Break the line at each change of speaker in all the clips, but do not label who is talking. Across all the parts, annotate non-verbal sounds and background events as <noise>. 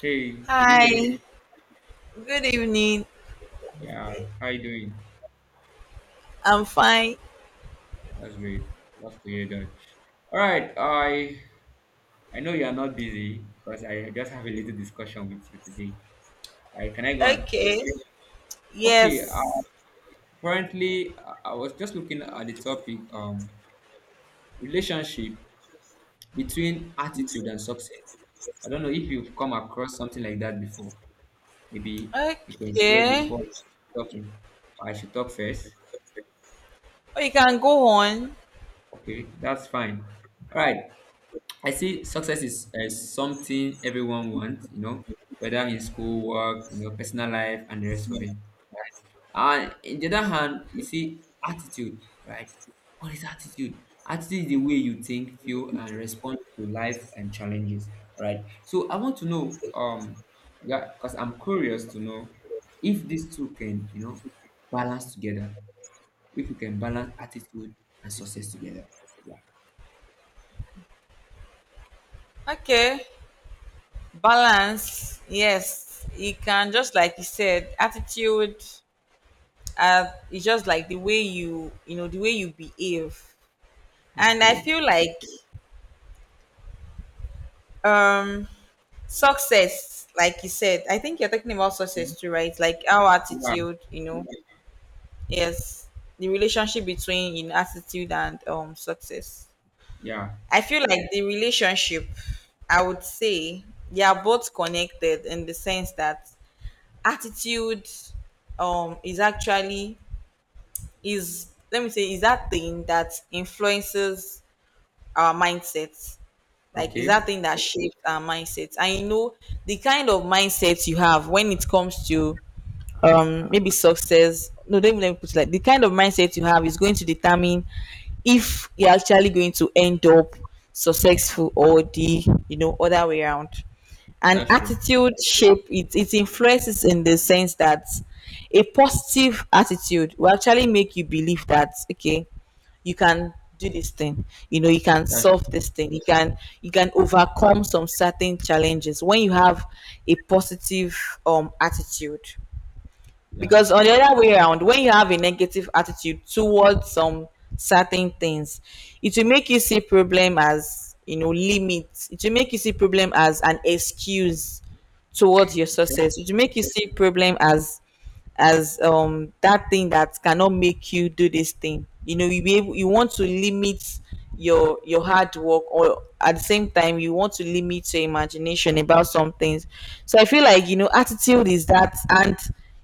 Hey, good
Hi,
evening.
good evening.
Yeah, how you doing?
I'm fine.
That's great. Love to hear that. All right, I know you are not busy because I just have a little discussion with you today. Right? Can I go on?
Okay.
Okay. Uh,
Yes.
currently, I was just looking at the topic relationship between attitude and success. I don't know if you've come across something like that before. Maybe you can share
Okay.
before talking. I should talk first.
Oh, you can go on.
Okay, that's fine. All right. I see success is something everyone wants, you know, whether in school, work, you know, personal life, and the rest of it. And in the other hand, you see attitude, right? What is attitude? Attitude is the way you think, feel, and respond to life and challenges, right? So I want to know, yeah, because I'm curious to know if these two can, you know, balance together. If you can balance attitude and success together. Yeah.
Okay. Balance. Yes. You can, just like you said, attitude. It's just like the way you behave. And I
Okay.
feel like um success, like you said. I think you're talking about success too, right? Like our
Yeah.
attitude. Yes, the relationship between in attitude and success.
Yeah.
I feel like the relationship, I would say they are both connected in the sense that attitude is actually, is let me say, is that thing that influences our mindset. Like is that
Okay.
thing that shapes our mindset. I know the kind of mindset you have when it comes to maybe success. No, don't even let me put it like The kind of mindset you have is going to determine if you're actually going to end up successful, or the, you know, other way around. And
That's true.
attitude shape it influences, in the sense that a positive attitude will actually make you believe that okay, you can do this thing. You know, you can
That's
solve this thing, you can, you can overcome some certain challenges when you have a positive attitude.
true. Yeah.
Because on the other way around, when you have a negative attitude towards some certain things, it will make you see problem as, you know, limits. It will make you see problem as an excuse towards your
Okay.
success. It will make you see problem as that thing that cannot make you do this thing, you know, you be able. You want to limit your hard work, or at the same time you want to limit your imagination about some things. So I feel like, you know, attitude is that. And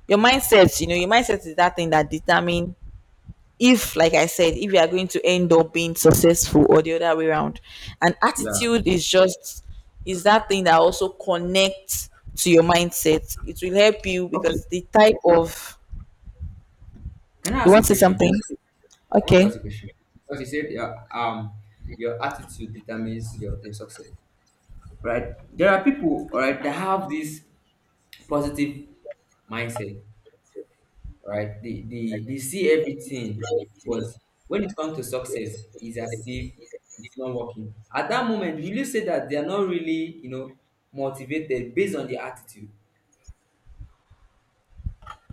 your mindset, you know, your mindset is that thing that determine, if, like I said, if you are going to end up being successful or the other way around. And
Yeah.
attitude is just is that thing that also connects to your mindset. It will help you,
Okay.
because the type of...
Can I
You
ask
want
you a
to say
question?
something?
I want to ask
Okay.
you a question. Because you said your attitude determines your success. Right? There are people, all right, that have this positive mindset, right? They see everything, but when it comes to success, it's as if it's not working. At that moment, will you say that they are not really, you know, motivated based on their attitude?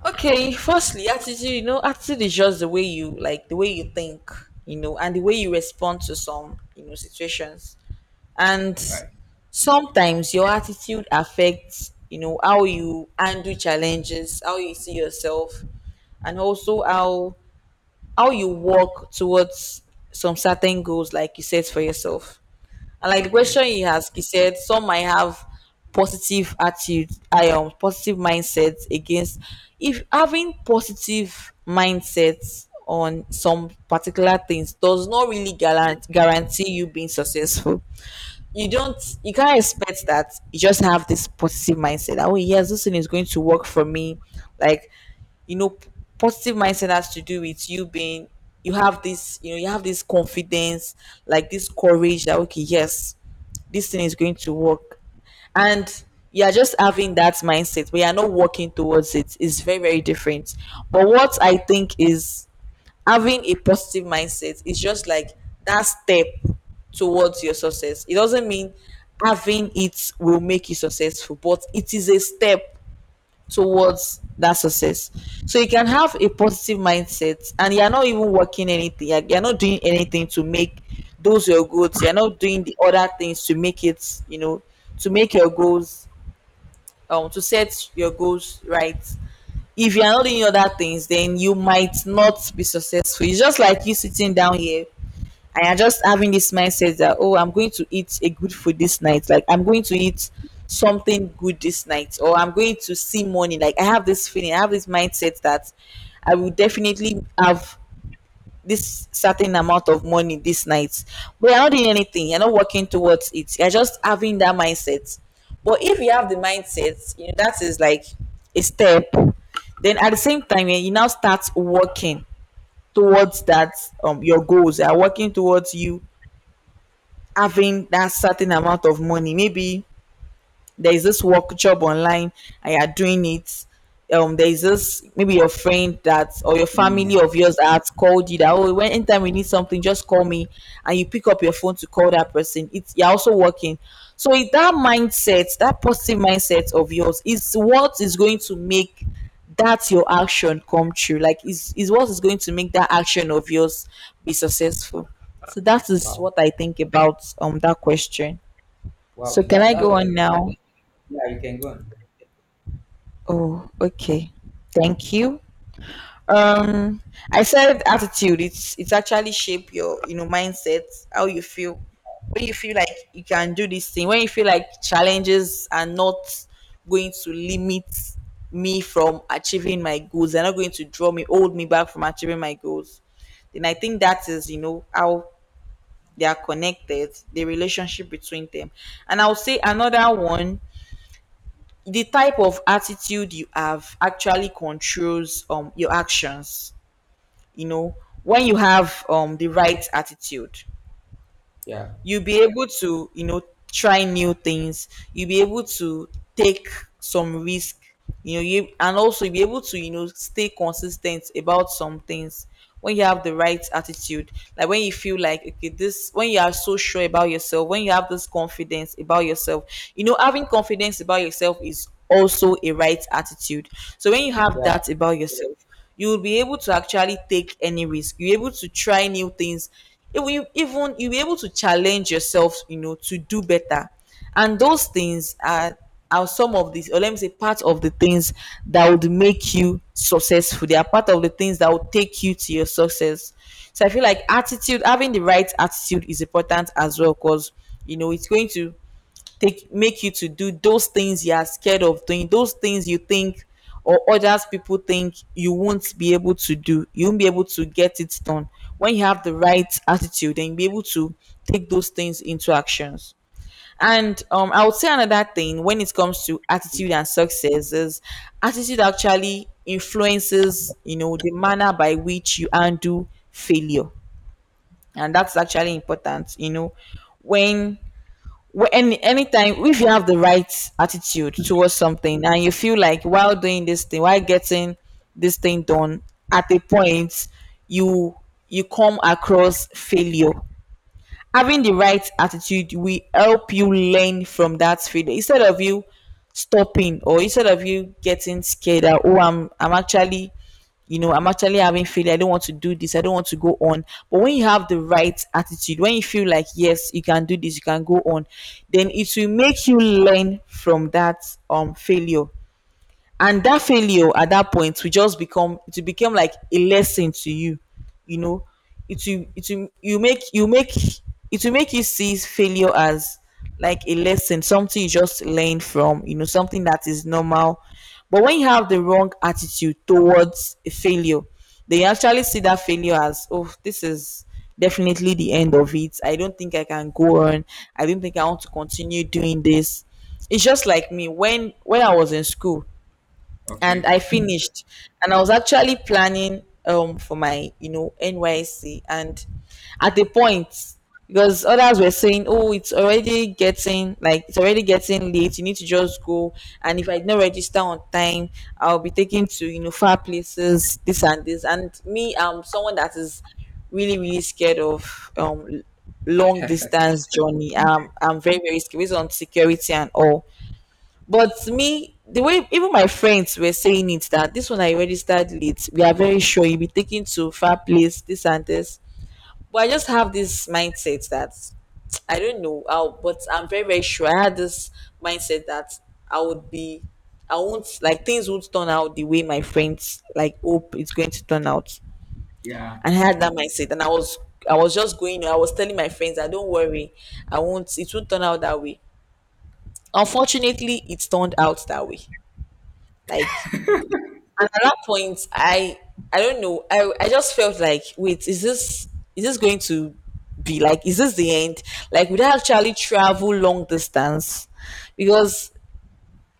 Okay, firstly, attitude, you know, attitude is just the way you, like, the way you think, you know, and the way you respond to some, you know, situations. And
Right.
sometimes your attitude affects, you know, how you handle challenges, how you see yourself, and also how you walk towards some certain goals, like you set for yourself. And like the
Okay.
question he asked, he said some might have positive attitude. I, positive mindsets. Against if having positive mindsets on some particular things does not really guarantee you being successful. You don't, you can't expect that you just have this positive mindset that, oh yes, this thing is going to work for me, like, you know, positive mindset has to do with you being, you have this, you know, you have this confidence, like this courage that, okay, yes, this thing is going to work. And you're just having that mindset, but you're not working towards it. It's very, very different. But what I think is, having a positive mindset is just like that step towards your success. It doesn't mean having it will make you successful, but it is a step towards that success. So you can have a positive mindset and you're not even working anything, you're not doing anything to make those your goals, you're not doing the other things to make it, you know, to make your goals, to set your goals right. If you're not doing other things, then you might not be successful. It's just like you sitting down here and you're just having this mindset that, oh, I'm going to eat a good food this night. Like, I'm going to eat something good this night, or I'm going to see money. Like, I have this feeling, I have this mindset that I will definitely have this certain amount of money this night, but you're not doing anything, you're not working towards it, you're just having that mindset. But if you have the mindset, you know, that is like a step, then at the same time, you now start working towards that, um, your goals, are working towards you having that certain amount of money. Maybe there is this work, job online, and you're doing it. Um, there is this, maybe your friend that, or your
Mm.
family of yours that called you that, oh, when anytime we need something just call me, and you pick up your phone to call that person, it's, you're also working. So if that mindset, that positive mindset of yours, is what is going to make that your action come true, like is what is going to make that action of yours be successful. So that is
Wow.
what I think about, um, that question. So
Wow.
can
That
I
that
go
was
on now?
Yeah, you can go on.
Oh, okay. Thank you. Um, I said attitude, it's actually shape your, you know, mindset, how you feel. When you feel like you can do this thing, when you feel like challenges are not going to limit me from achieving my goals, they're not going to draw me, hold me back from achieving my goals, then I think that is, you know, how they are connected, the relationship between them. And I'll say another one, the type of attitude you have actually controls, um, your actions, you know. When you have, the right attitude,
Yeah,
you'll be able to, you know, try new things, you'll be able to take some risk, you know. You, and also you'll be able to, you know, stay consistent about some things when you have the right attitude, like when you feel like okay, this, when you are so sure about yourself, when you have this confidence about yourself. You know, having confidence about yourself is also a right attitude. So when you have
yeah,
that about yourself, you'll be able to actually take any risk, you're able to try new things, even you'll be able to challenge yourself, you know, to do better. And those things are some of these, or let me say, part of the things that would make you successful. They are part of the things that would take you to your success. So I feel like attitude, having the right attitude, is important as well, because, you know, it's going to take make you to do those things you are scared of doing. Those things you think, or others, people think, you won't be able to do, you won't be able to get it done, when you have the right attitude, and be able to take those things into actions. And, I would say another thing when it comes to attitude and success is, attitude actually influences, you know, the manner by which you undo failure. And that's actually important, you know. When wh- any Anytime, if you have the right attitude towards something, and you feel like while doing this thing, while getting this thing done, at a point you, you come across failure, having the right attitude will help you learn from that failure, instead of you stopping, or instead of you getting scared that, oh, I'm actually, you know, I'm actually having failure, I don't want to do this, I don't want to go on. But when you have the right attitude, when you feel like, yes, you can do this, you can go on, then it will make you learn from that, um, failure. And that failure at that point will just become, it will become like a lesson to you, you know. It will you make, it will make you see failure as like a lesson, something you just learn from, you know, something that is normal. But when you have the wrong attitude towards a failure, they actually see that failure as, oh, this is definitely the end of it, I don't think I can go on, I don't think I want to continue doing this. It's just like me when I was in school and
okay.
I finished. And I was actually planning, um, for my, you know, NYC, and at the point, because others were saying, oh, it's already getting, like, it's already getting late, you need to just go, and if I did not register on time, I'll be taken to, you know, far places, this and this. And me, I'm someone that is really, really scared of, um, long distance journey. Um, I'm very, very scared, based on security and all. But me, the way even my friends were saying it, that this one I registered late, we are very sure you'll be taken to far place, this and this. But I just have this mindset that <tsk> I don't know how, but I'm very, very sure. I had this mindset that I would be, I won't, like, things won't turn out the way my friends, like, hope it's going to turn out.
Yeah.
And I had that mindset. I was just going, I was telling my friends, I don't worry, I won't, it won't turn out that way. Unfortunately, it turned out that way. Like, And at that point, I don't know. I just felt like, wait, is this going to be like is this the end? Like would I actually travel long distance? Because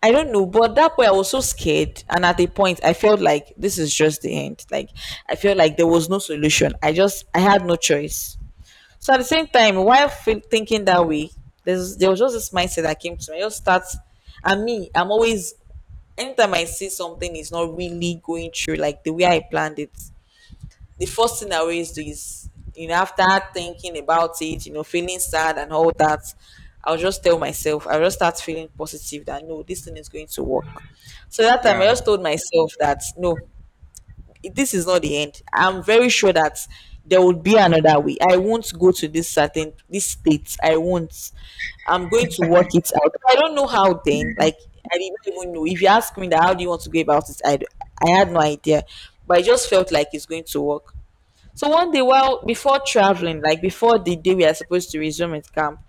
I don't know, but that point I was so scared, and at a point I felt like this is just the end. Like I felt like there was no solution. I had no choice. So at the same time, while thinking that way, there was just this mindset that came to me. And me, I'm always anytime I see something is not really going through like the way I planned it. The first thing I always do is, you know, after thinking about it, you know, feeling sad and all that, I'll just start feeling positive that no, this thing is going to work. So that time
Yeah.
I just told myself that no, this is not the end. I'm very sure that there would be another way. I won't go to this state. I won't. I'm going to work it out. I don't know how then. Like I didn't even know. If you ask me that how do you want to go about it, I had no idea. But I just felt like it's going to work. So one day, while before traveling, like before the day we are supposed to resume at camp,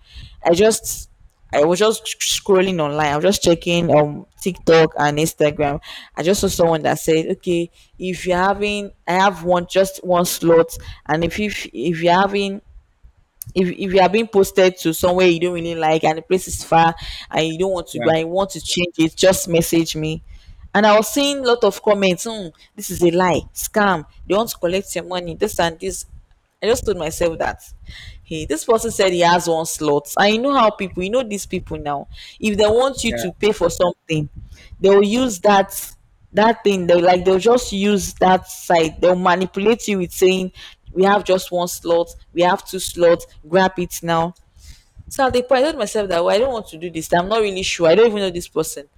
I just I was just scrolling online. I was just checking TikTok and Instagram. I just saw someone that said, "Okay, if you're having, I have one just one slot, and if you're having if you are being posted to somewhere you don't really like and the place is far and you don't want to go
Yeah.
and you want to change it, just message me." And I was seeing a lot of comments, "Hmm, this is a lie, scam, they want to collect your money, this and this." I just told myself that hey, this person said he has one slot. I know how people, you know, these people now, if they want you
Yeah.
to pay for something, they will use that thing they'll just use that site, they'll manipulate you with saying we have just one slot, we have two slots, grab it now. So at the point I told myself that well, I don't want to do this, I'm not really sure, I don't even know this person.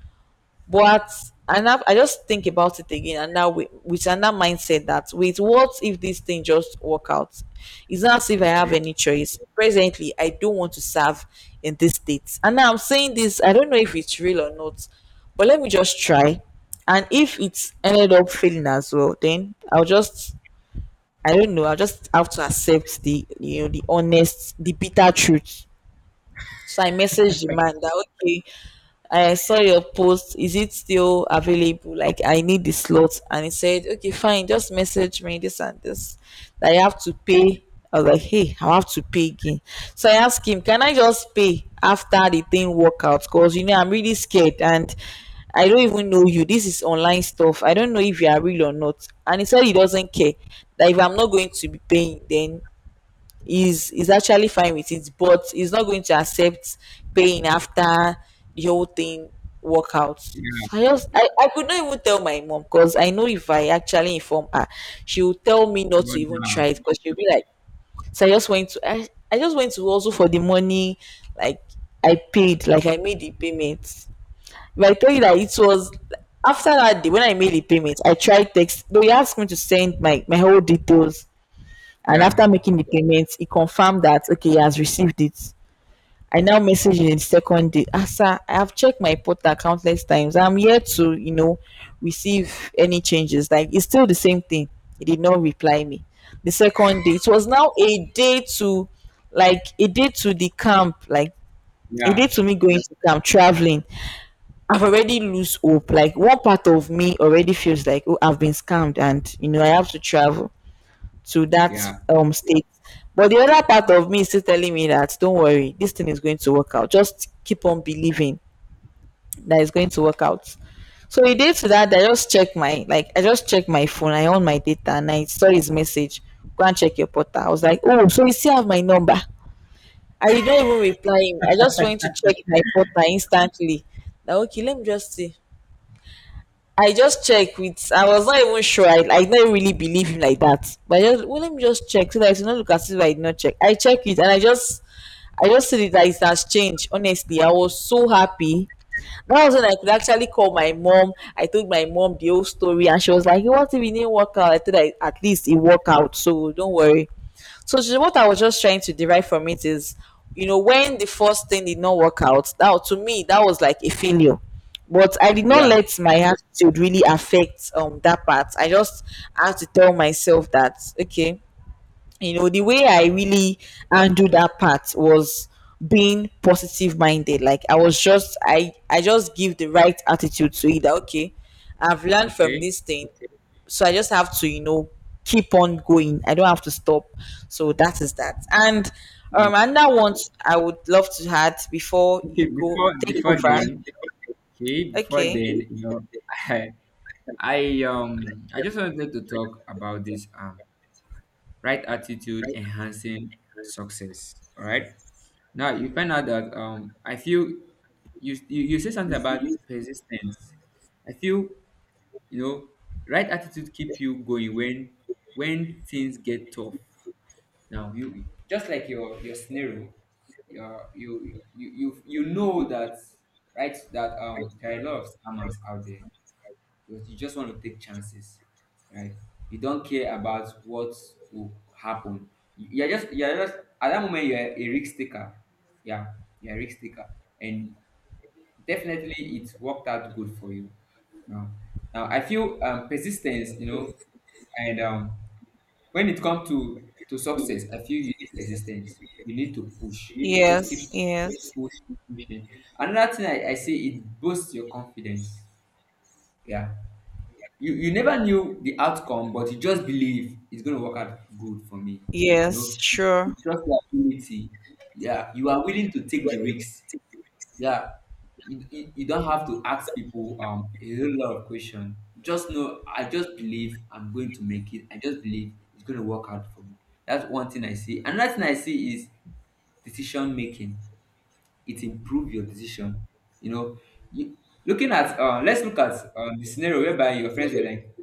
But I just think about it again, and now with another mindset that, with what if this thing just work out? It's not as if I have
Okay.
any choice. Presently, I don't want to serve in this state, and now I'm saying this. I don't know if it's real or not, but let me just try. And if it's ended up failing as well, then I don't know. I'll just have to accept the, you know, the honest, the bitter truth. So I messaged the man that okay, I saw your post. Is it still available? Like I need the slot. And he said, "Okay, fine, just message me this and this." That I have to pay. I was like, hey, I have to pay again. So I asked him, can I just pay after the thing work out? Because, you know, I'm really scared and I don't even know you. This is online stuff. I don't know if you are real or not. And he said he doesn't care. That if I'm not going to be paying, then is actually fine with it, but he's not going to accept paying after the whole thing work out. So
Yeah.
I could not even tell my mom because I know if I actually inform her, she will tell me not
You
to
want
even try
now.
it because she'll be like, so I just went to also for the money. Like I paid, like I made the payment. If I tell you that it was after that day when I made the payment, I tried text. They asked me to send my whole details. And
Yeah.
after making the payment, he confirmed that okay, he has received it. I now messaged him the second day. Ah, sir, I have checked my portal countless times. I'm yet to, you know, receive any changes. Like it's still the same thing. He did not reply me. The second day, it was now a day to like a day to the camp, like a day
Yeah.
to me going to camp, traveling. I've already lose hope. Like one part of me already feels like, oh, I've been scammed and, you know, I have to travel to that
Yeah.
state. But the other part of me is still telling me that don't worry, this thing is going to work out. Just keep on believing that it's going to work out. So a day to that, I just check my, like I just check my phone. I own my data and I saw his message. Go and check your portal. I was like, oh, so you still have my number. I did not even reply him. I just went to check my portal instantly. Now okay, let me just see. I just check with. I was not even sure. I don't really believe him like that. But I just, well, let me just check so that I it's not look as if I did not check. I check it and I just see that it has changed. Honestly, I was so happy. That was when I could actually call my mom. I told my mom the whole story and she was like, "Hey, what if it didn't work out?" I thought, I at least it worked out, so don't worry. So what I was just trying to derive from it is, you know, when the first thing did not work out, that to me that was like a failure. But I did not
Yeah.
let my attitude really affect that part. I just had to tell myself that okay, you know, the way I really handled that part was being positive minded. Like I was just, I just give the right attitude to it that, okay, I've learned from
Okay.
this thing. So I just have to, you know, keep on going. I don't have to stop. So that is that. and
Yeah.
um and that one I would love to add before
Okay.
you go
Before
take
before
over.
then, okay. Before
Okay.
then, you know, <laughs> I um I just wanted to talk about this right attitude enhancing success. All right. Now you find out that I feel you say something about persistence. I feel you know right attitude keep you going when things get tough. Now you just like your scenario. Your you you you, you know that right that there are a lot of scammers out there because you just want to take chances, right? You don't care about what will happen. You're just at that moment, you're a risk taker, yeah, you're a risk taker. And definitely it worked out good for you. Now now I feel persistence, you know, and when it comes to success, I feel you need persistence, you need to push, just
Yes,
keep
yes,
pushing pushing. Another thing I say, it boosts your confidence. Yeah, you never knew the outcome, but you just believe it's going to work out good for me, you
yes,
know.
sure.
You trust your ability, yeah, you are willing to take the risks. Yeah, you don't have to ask people a whole lot of questions. Just know, I just believe I'm going to make it. I just believe it's going to work out for me. That's one thing I see. Another thing I see is decision making. It improve your decision. You know, you, looking at let's look at the scenario whereby your friends were like,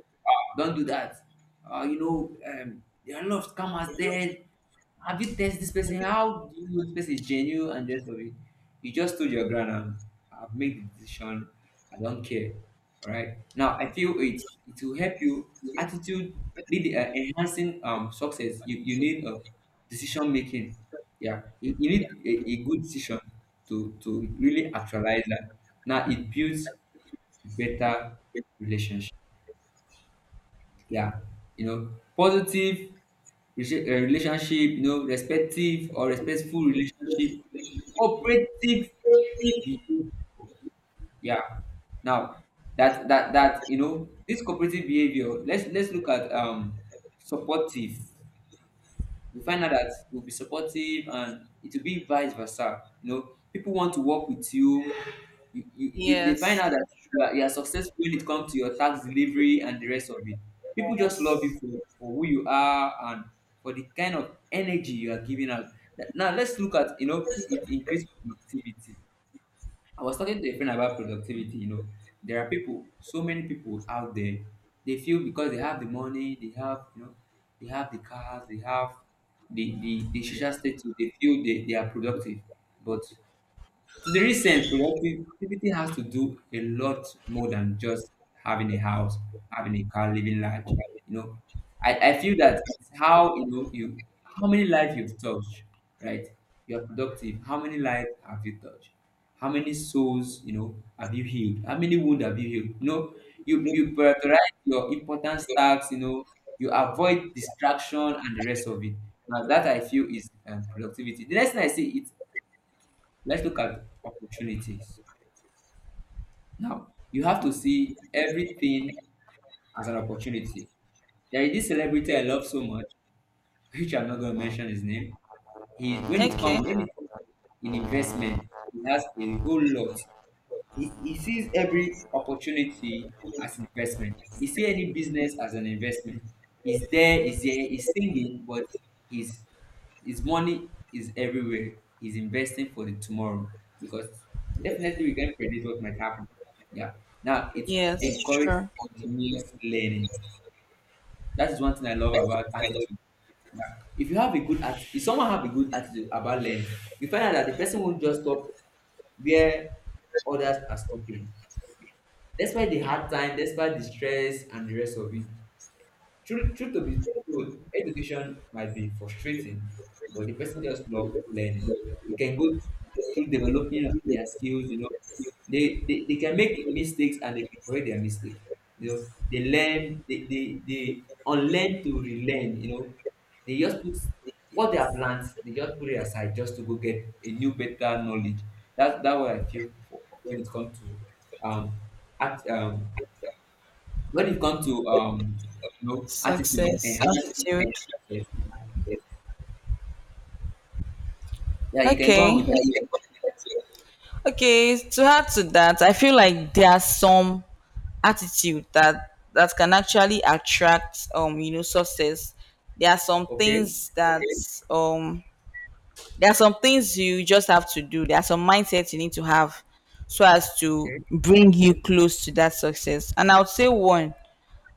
don't do that. You know, there are a lot of scammers there. Have you tested this person? How do you know this person is genuine and the rest of it? You just told your ground and I've made the decision. I don't care. All right. Now I feel it will help you attitude lead enhancing success. You need a decision making. Yeah, you need a good decision to really actualize that. Now it builds better relationship. Yeah, you know, positive relationship, you know, respective or respectful relationship, cooperative behavior. Yeah. Now that you know this cooperative behavior. Let's look at supportive. You find out that you'll be supportive, and it will be vice versa. You know, people want to work with you. They find out
Yes,
that you are successful when it comes to your tax delivery and the rest of it. People just love
yes.
you for who you are and for the kind of energy you are giving out. Now let's look at, you know, it increased productivity. I was talking to a friend about productivity. You know, there are people, so many people out there, they feel because they have the money, they have, you know, they have the cars, they have the social status, they feel they are productive. But to the recent, productivity has to do a lot more than just having a house, having a car, living large. You know, I feel that it's how you know you how many lives you've touched, right? You're productive. How many lives have you touched? How many souls, you know, have you healed? How many wounds have you healed? You know, you prioritize your important tasks. You know, you avoid distraction and the rest of it. Now that I feel is productivity. The next thing I see it. Let's look at opportunities. Now, you have to see everything as an opportunity. There is this celebrity I love so much, <laughs> which I'm not going to mention his name. He
Okay.
when it comes to in investment, he has a whole lot. He sees every opportunity as an investment. He see any business as an investment. He's singing, but his his money is everywhere. He's investing for the tomorrow because definitely we can predict what might happen. Yeah. Now it's
Yes,
encourage
sure.
continuous learning. That is one thing I love about attitude. Yeah. If you have a good attitude, if someone have a good attitude about learning, you find out that the person won't just stop where others are stopping, despite the hard time, despite the stress and the rest of it. Truth to be told, education might be frustrating, but the person just love learning. You can go through developing their skills, you know. They can make mistakes, and they can correct their mistakes. You know, they learn, they unlearn to relearn, you know. They just put what they have learned, they just put it aside just to go get a new, better knowledge. That's that what I feel for- when it comes to um, act, um when it comes to you know, attitude
Success,
enhancement,
attitude.
yes. Yeah, you can go on
Okay.
with that too.
Okay. To add to that, I feel like there are some attitude that can actually attract, um, you know, success. There are some
Okay,
things that, um, there are some things you just have to do. There are some mindsets you need to have so as to
okay.
bring you close to that success. And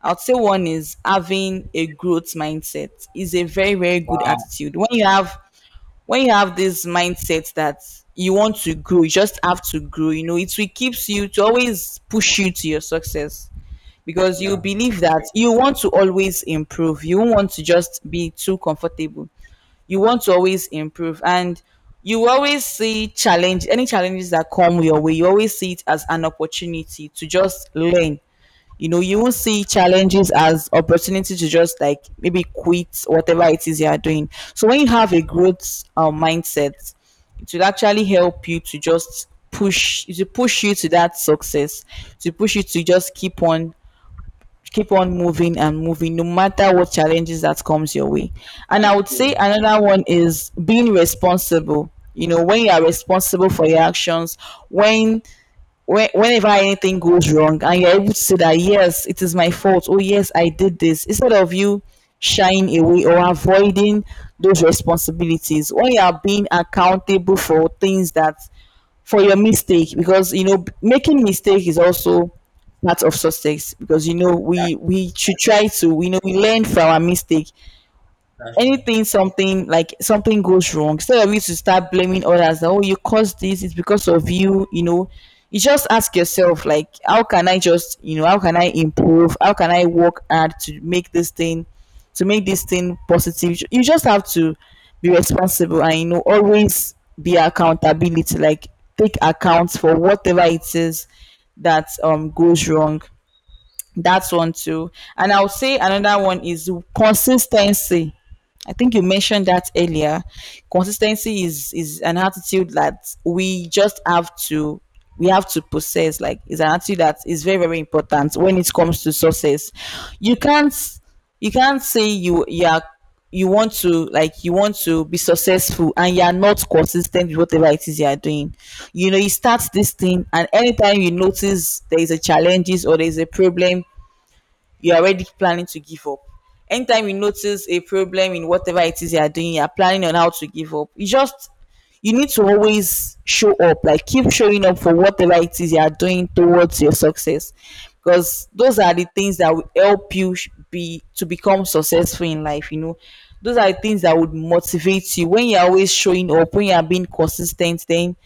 I would say one is having a growth mindset is a very, very good
Wow,
attitude. When you have this mindset that you want to grow, you just have to grow. You know, it will keeps you to always push you to your success because you
yeah,
believe that you want to always improve. You won't want to just be too comfortable. You want to always improve, and you always see challenge any challenges that come your way. You always see it as an opportunity to just learn, you know, you won't see challenges as opportunity to just like maybe quit whatever it is you are doing. So when you have a growth mindset, it will actually help you to just push you to that success, to push you to just keep on moving and moving no matter what challenges that comes your way. And I
that's
would say
true.
another one is being responsible. You know, when you are responsible for your actions, when whenever anything goes wrong and you're able to say that yes, it is my fault, oh yes, I did this, instead of you shying away or avoiding those responsibilities. When you are being accountable for things that, for your mistake, because you know making mistake is also part of success, because you know
That's
we should try
yes,
to, we know we learn from our mistake.
that's true.
Anything, something like something goes wrong, instead of you to start blaming others that oh, you caused this, it's because of you, you know, you just ask yourself like how can I just, you know, how can I improve, how can I work hard to make this thing positive. You just have to be responsible and, you know, always be accountability, like take account for whatever it is that goes wrong. That's one too. And I'll say another one is consistency. I think you mentioned that earlier. Consistency is an attitude that we just have to we have to possess. Like it's an attitude that is very, very important when it comes to success. You can't, you can't say you you are, you want to like you want to be successful and you are not consistent with whatever it is you are doing. You know, you start this thing and anytime you notice there is a challenges or there is a problem, you're already planning to give up. Anytime you notice a problem in whatever it is you are doing, you're planning on how to give up. You just, you need to always show up, like keep showing up for whatever it is you are doing towards your success. Because those are the things that will help you be to become successful in life, you know. Those are the things that would motivate you when you're always showing up, when you are being consistent. Then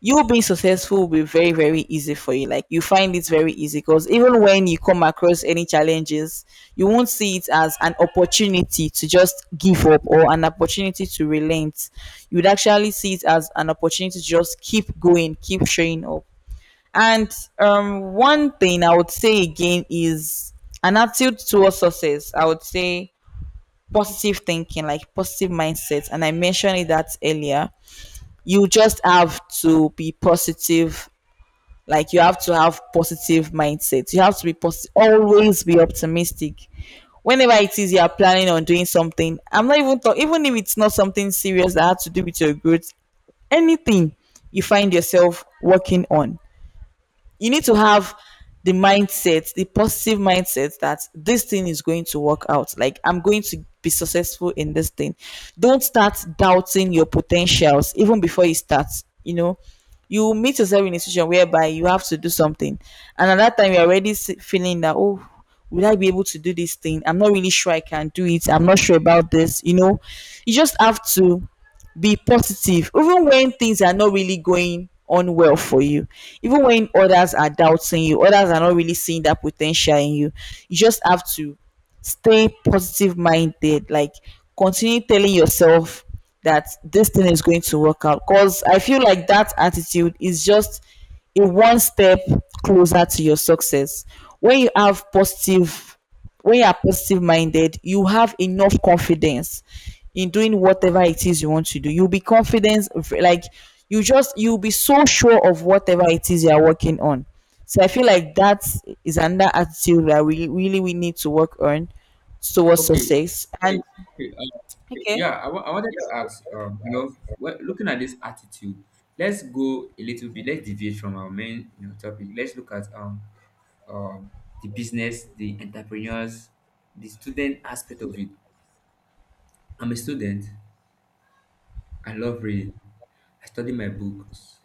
you being successful will be very, very easy for you. Like you find it very easy, because even when you come across any challenges, you won't see it as an opportunity to just give up or an opportunity to relent. You would actually see it as an opportunity to just keep going, keep showing up. And one thing I would say again is an attitude towards success, I would say positive thinking, like positive mindset, and I mentioned that earlier. You just have to be positive. Like you have to have positive mindset, you have to be positive, always be optimistic. Whenever it is you are planning on doing something, I'm not even talking even if it's not something serious that has to do with your growth, anything you find yourself working on, you need to have the mindset, the positive mindset that this thing is going to work out. Like I'm going to be successful in this thing. Don't start doubting your potentials even before you start. You know, you meet yourself in a situation whereby you have to do something, and at that time you're already feeling that oh, will I be able to do this thing? I'm not really sure I can do it. I'm not sure about this. You know, you just have to be positive even when things are not really going on well for you, even when others are doubting you, others are not really seeing that potential in you. You just have to stay positive minded, like continue telling yourself that this thing is going to work out, because I feel like that attitude is just a one step closer to your success. When you have positive, when you are positive minded, you have enough confidence in doing whatever it is you want to do. You'll be like you just, you'll be so sure of whatever it is you are working on. So I feel like that is another attitude that we really, we need to work on towards
Okay,
success. And
okay.
okay.
Yeah, I wa- I wanted to ask, you know, wh- looking at this attitude, let's go a little bit. Let's deviate from our main, you know, topic. Let's look at um, the business, the entrepreneurs, the student aspect of it. I'm a student. I love reading. I study my books.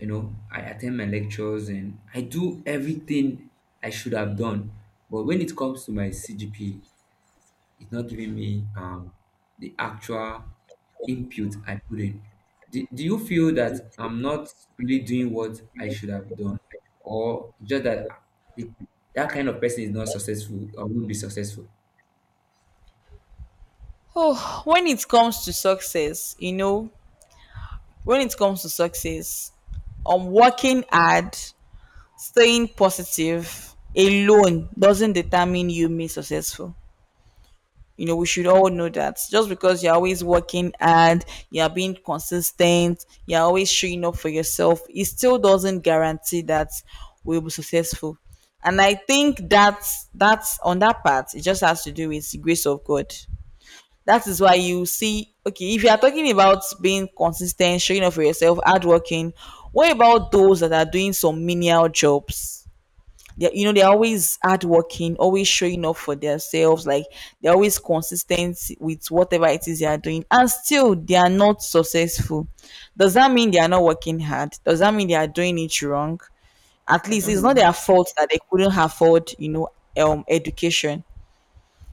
You know, I attend my lectures and I do everything I should have done, but when it comes to my CGPA, it's not giving me the actual input I put in. Do you feel that I'm not really doing what I should have done, or just that the, that kind of person is not successful or won't be successful.
Oh, when it comes to success, you know, when it comes to success, I'm working hard, staying positive alone doesn't determine you being successful. You know, we should all know that. Just because you're always working hard, you're being consistent, you're always showing up for yourself, it still doesn't guarantee that we'll be successful. And I think that, that's on that part, it just has to do with the grace of God. That is why you see, okay, if you are talking about being consistent, showing up for yourself, hardworking, what about those that are doing some menial jobs? They, you know, they're always hardworking, always showing up for themselves. Like they're always consistent with whatever it is they are doing, and still they are not successful. Does that mean they are not working hard? Does that mean they are doing it wrong? At
I
least
don't
it's
know.
not their fault that they couldn't afford, you know, education.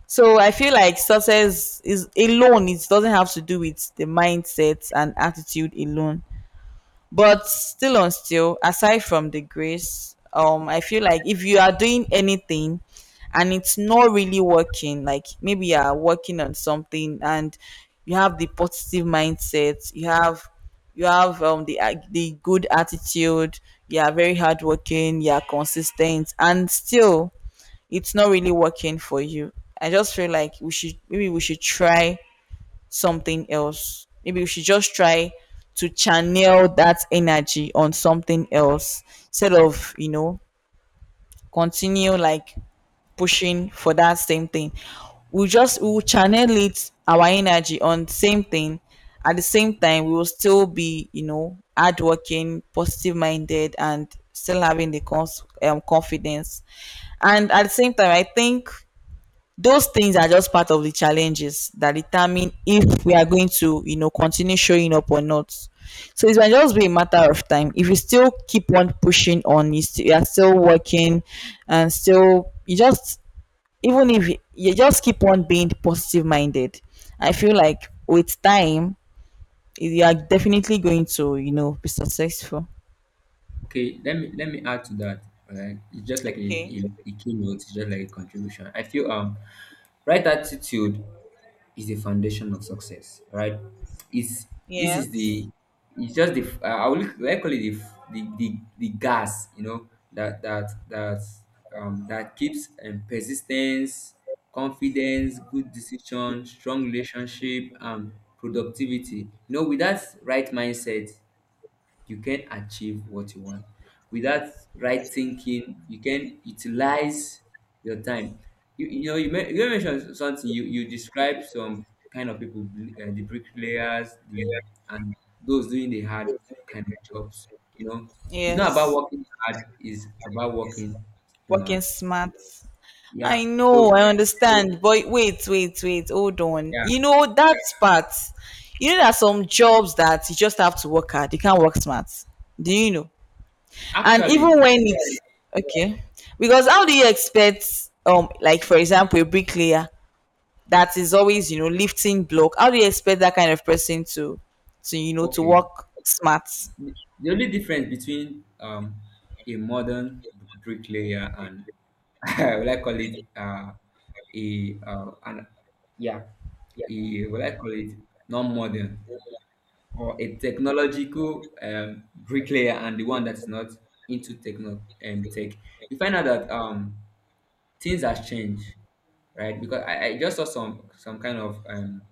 So I feel like success is alone, it doesn't have to do with the mindset and attitude alone. But still on still, aside from the grace, I feel like if you are doing anything and it's not really working, like maybe you are working on something and you have the positive mindset, you have, you have the the good attitude, you are very hardworking, you are consistent, and still it's not really working for you, I just feel like we should, maybe we should try something else. Maybe we should just try to channel that energy on something else instead of, you know, continue like pushing for that same thing. We just, we will channel it, our energy on same thing. At the same time, we will still be, you know, hardworking, positive minded, and still having the confidence. And at the same time, I think those things are just part of the challenges that determine if we are going to, you know, continue showing up or not. So it might just be a matter of time. If you still keep on pushing on, you, you are still working, and still you just, even if you, you just keep on being positive minded, I feel like with time, you are definitely going to, you know, be successful.
Okay, let me add to that. Right, it's just like
Okay.
a keynote. It's just like a contribution. I feel right attitude is the foundation of success. Right, it's this is
Yes,
the it's just the I would I call it the, f- the gas. You know that that that keeps persistence, confidence, good decision, strong relationship, and productivity. You know, with that right mindset you can achieve what you want. Without right thinking, you can utilize your time. You know, you, men- you mentioned something. You described some kind of people, bl- the bricklayers, the and those doing the hard kind of jobs. You know, it's not about
yes.
working hard; it's about working
Working
smart.
smart. I
Yeah.
know,
So
I understand. But wait, wait, wait, hold on.
yeah,
You know that part. You know there are some jobs that you just have to work hard. You can't work smart. Do you know? And
actually,
even when it's, okay. Because how do you expect like for example a bricklayer that is always, you know, lifting block, how do you expect that kind of person to, you know, to
okay.
work smart?
The only difference between a modern bricklayer and <laughs> will I call it a an yeah a will I call it non-modern or a technological bricklayer and the one that's not into techno tech. You find out that things have changed, right? Because I just saw some kind of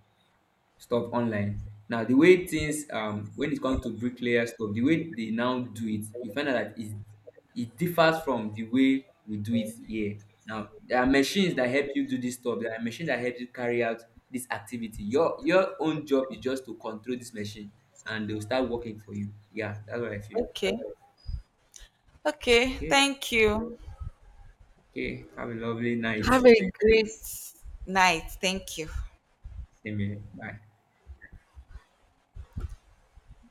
stuff online. Now, the way things when it comes to bricklayer stuff, the way they now do it, you find out that it differs from the way we do it here. Now, there are machines that help you do this stuff. There are machines that help you carry out this activity. Your own job is just to control this machine, and they'll start working for you. Yeah, that's what I feel.
Okay. Okay,
Okay,
thank you.
okay. Have a lovely night.
Have a great night, thank you.
Same here. Bye.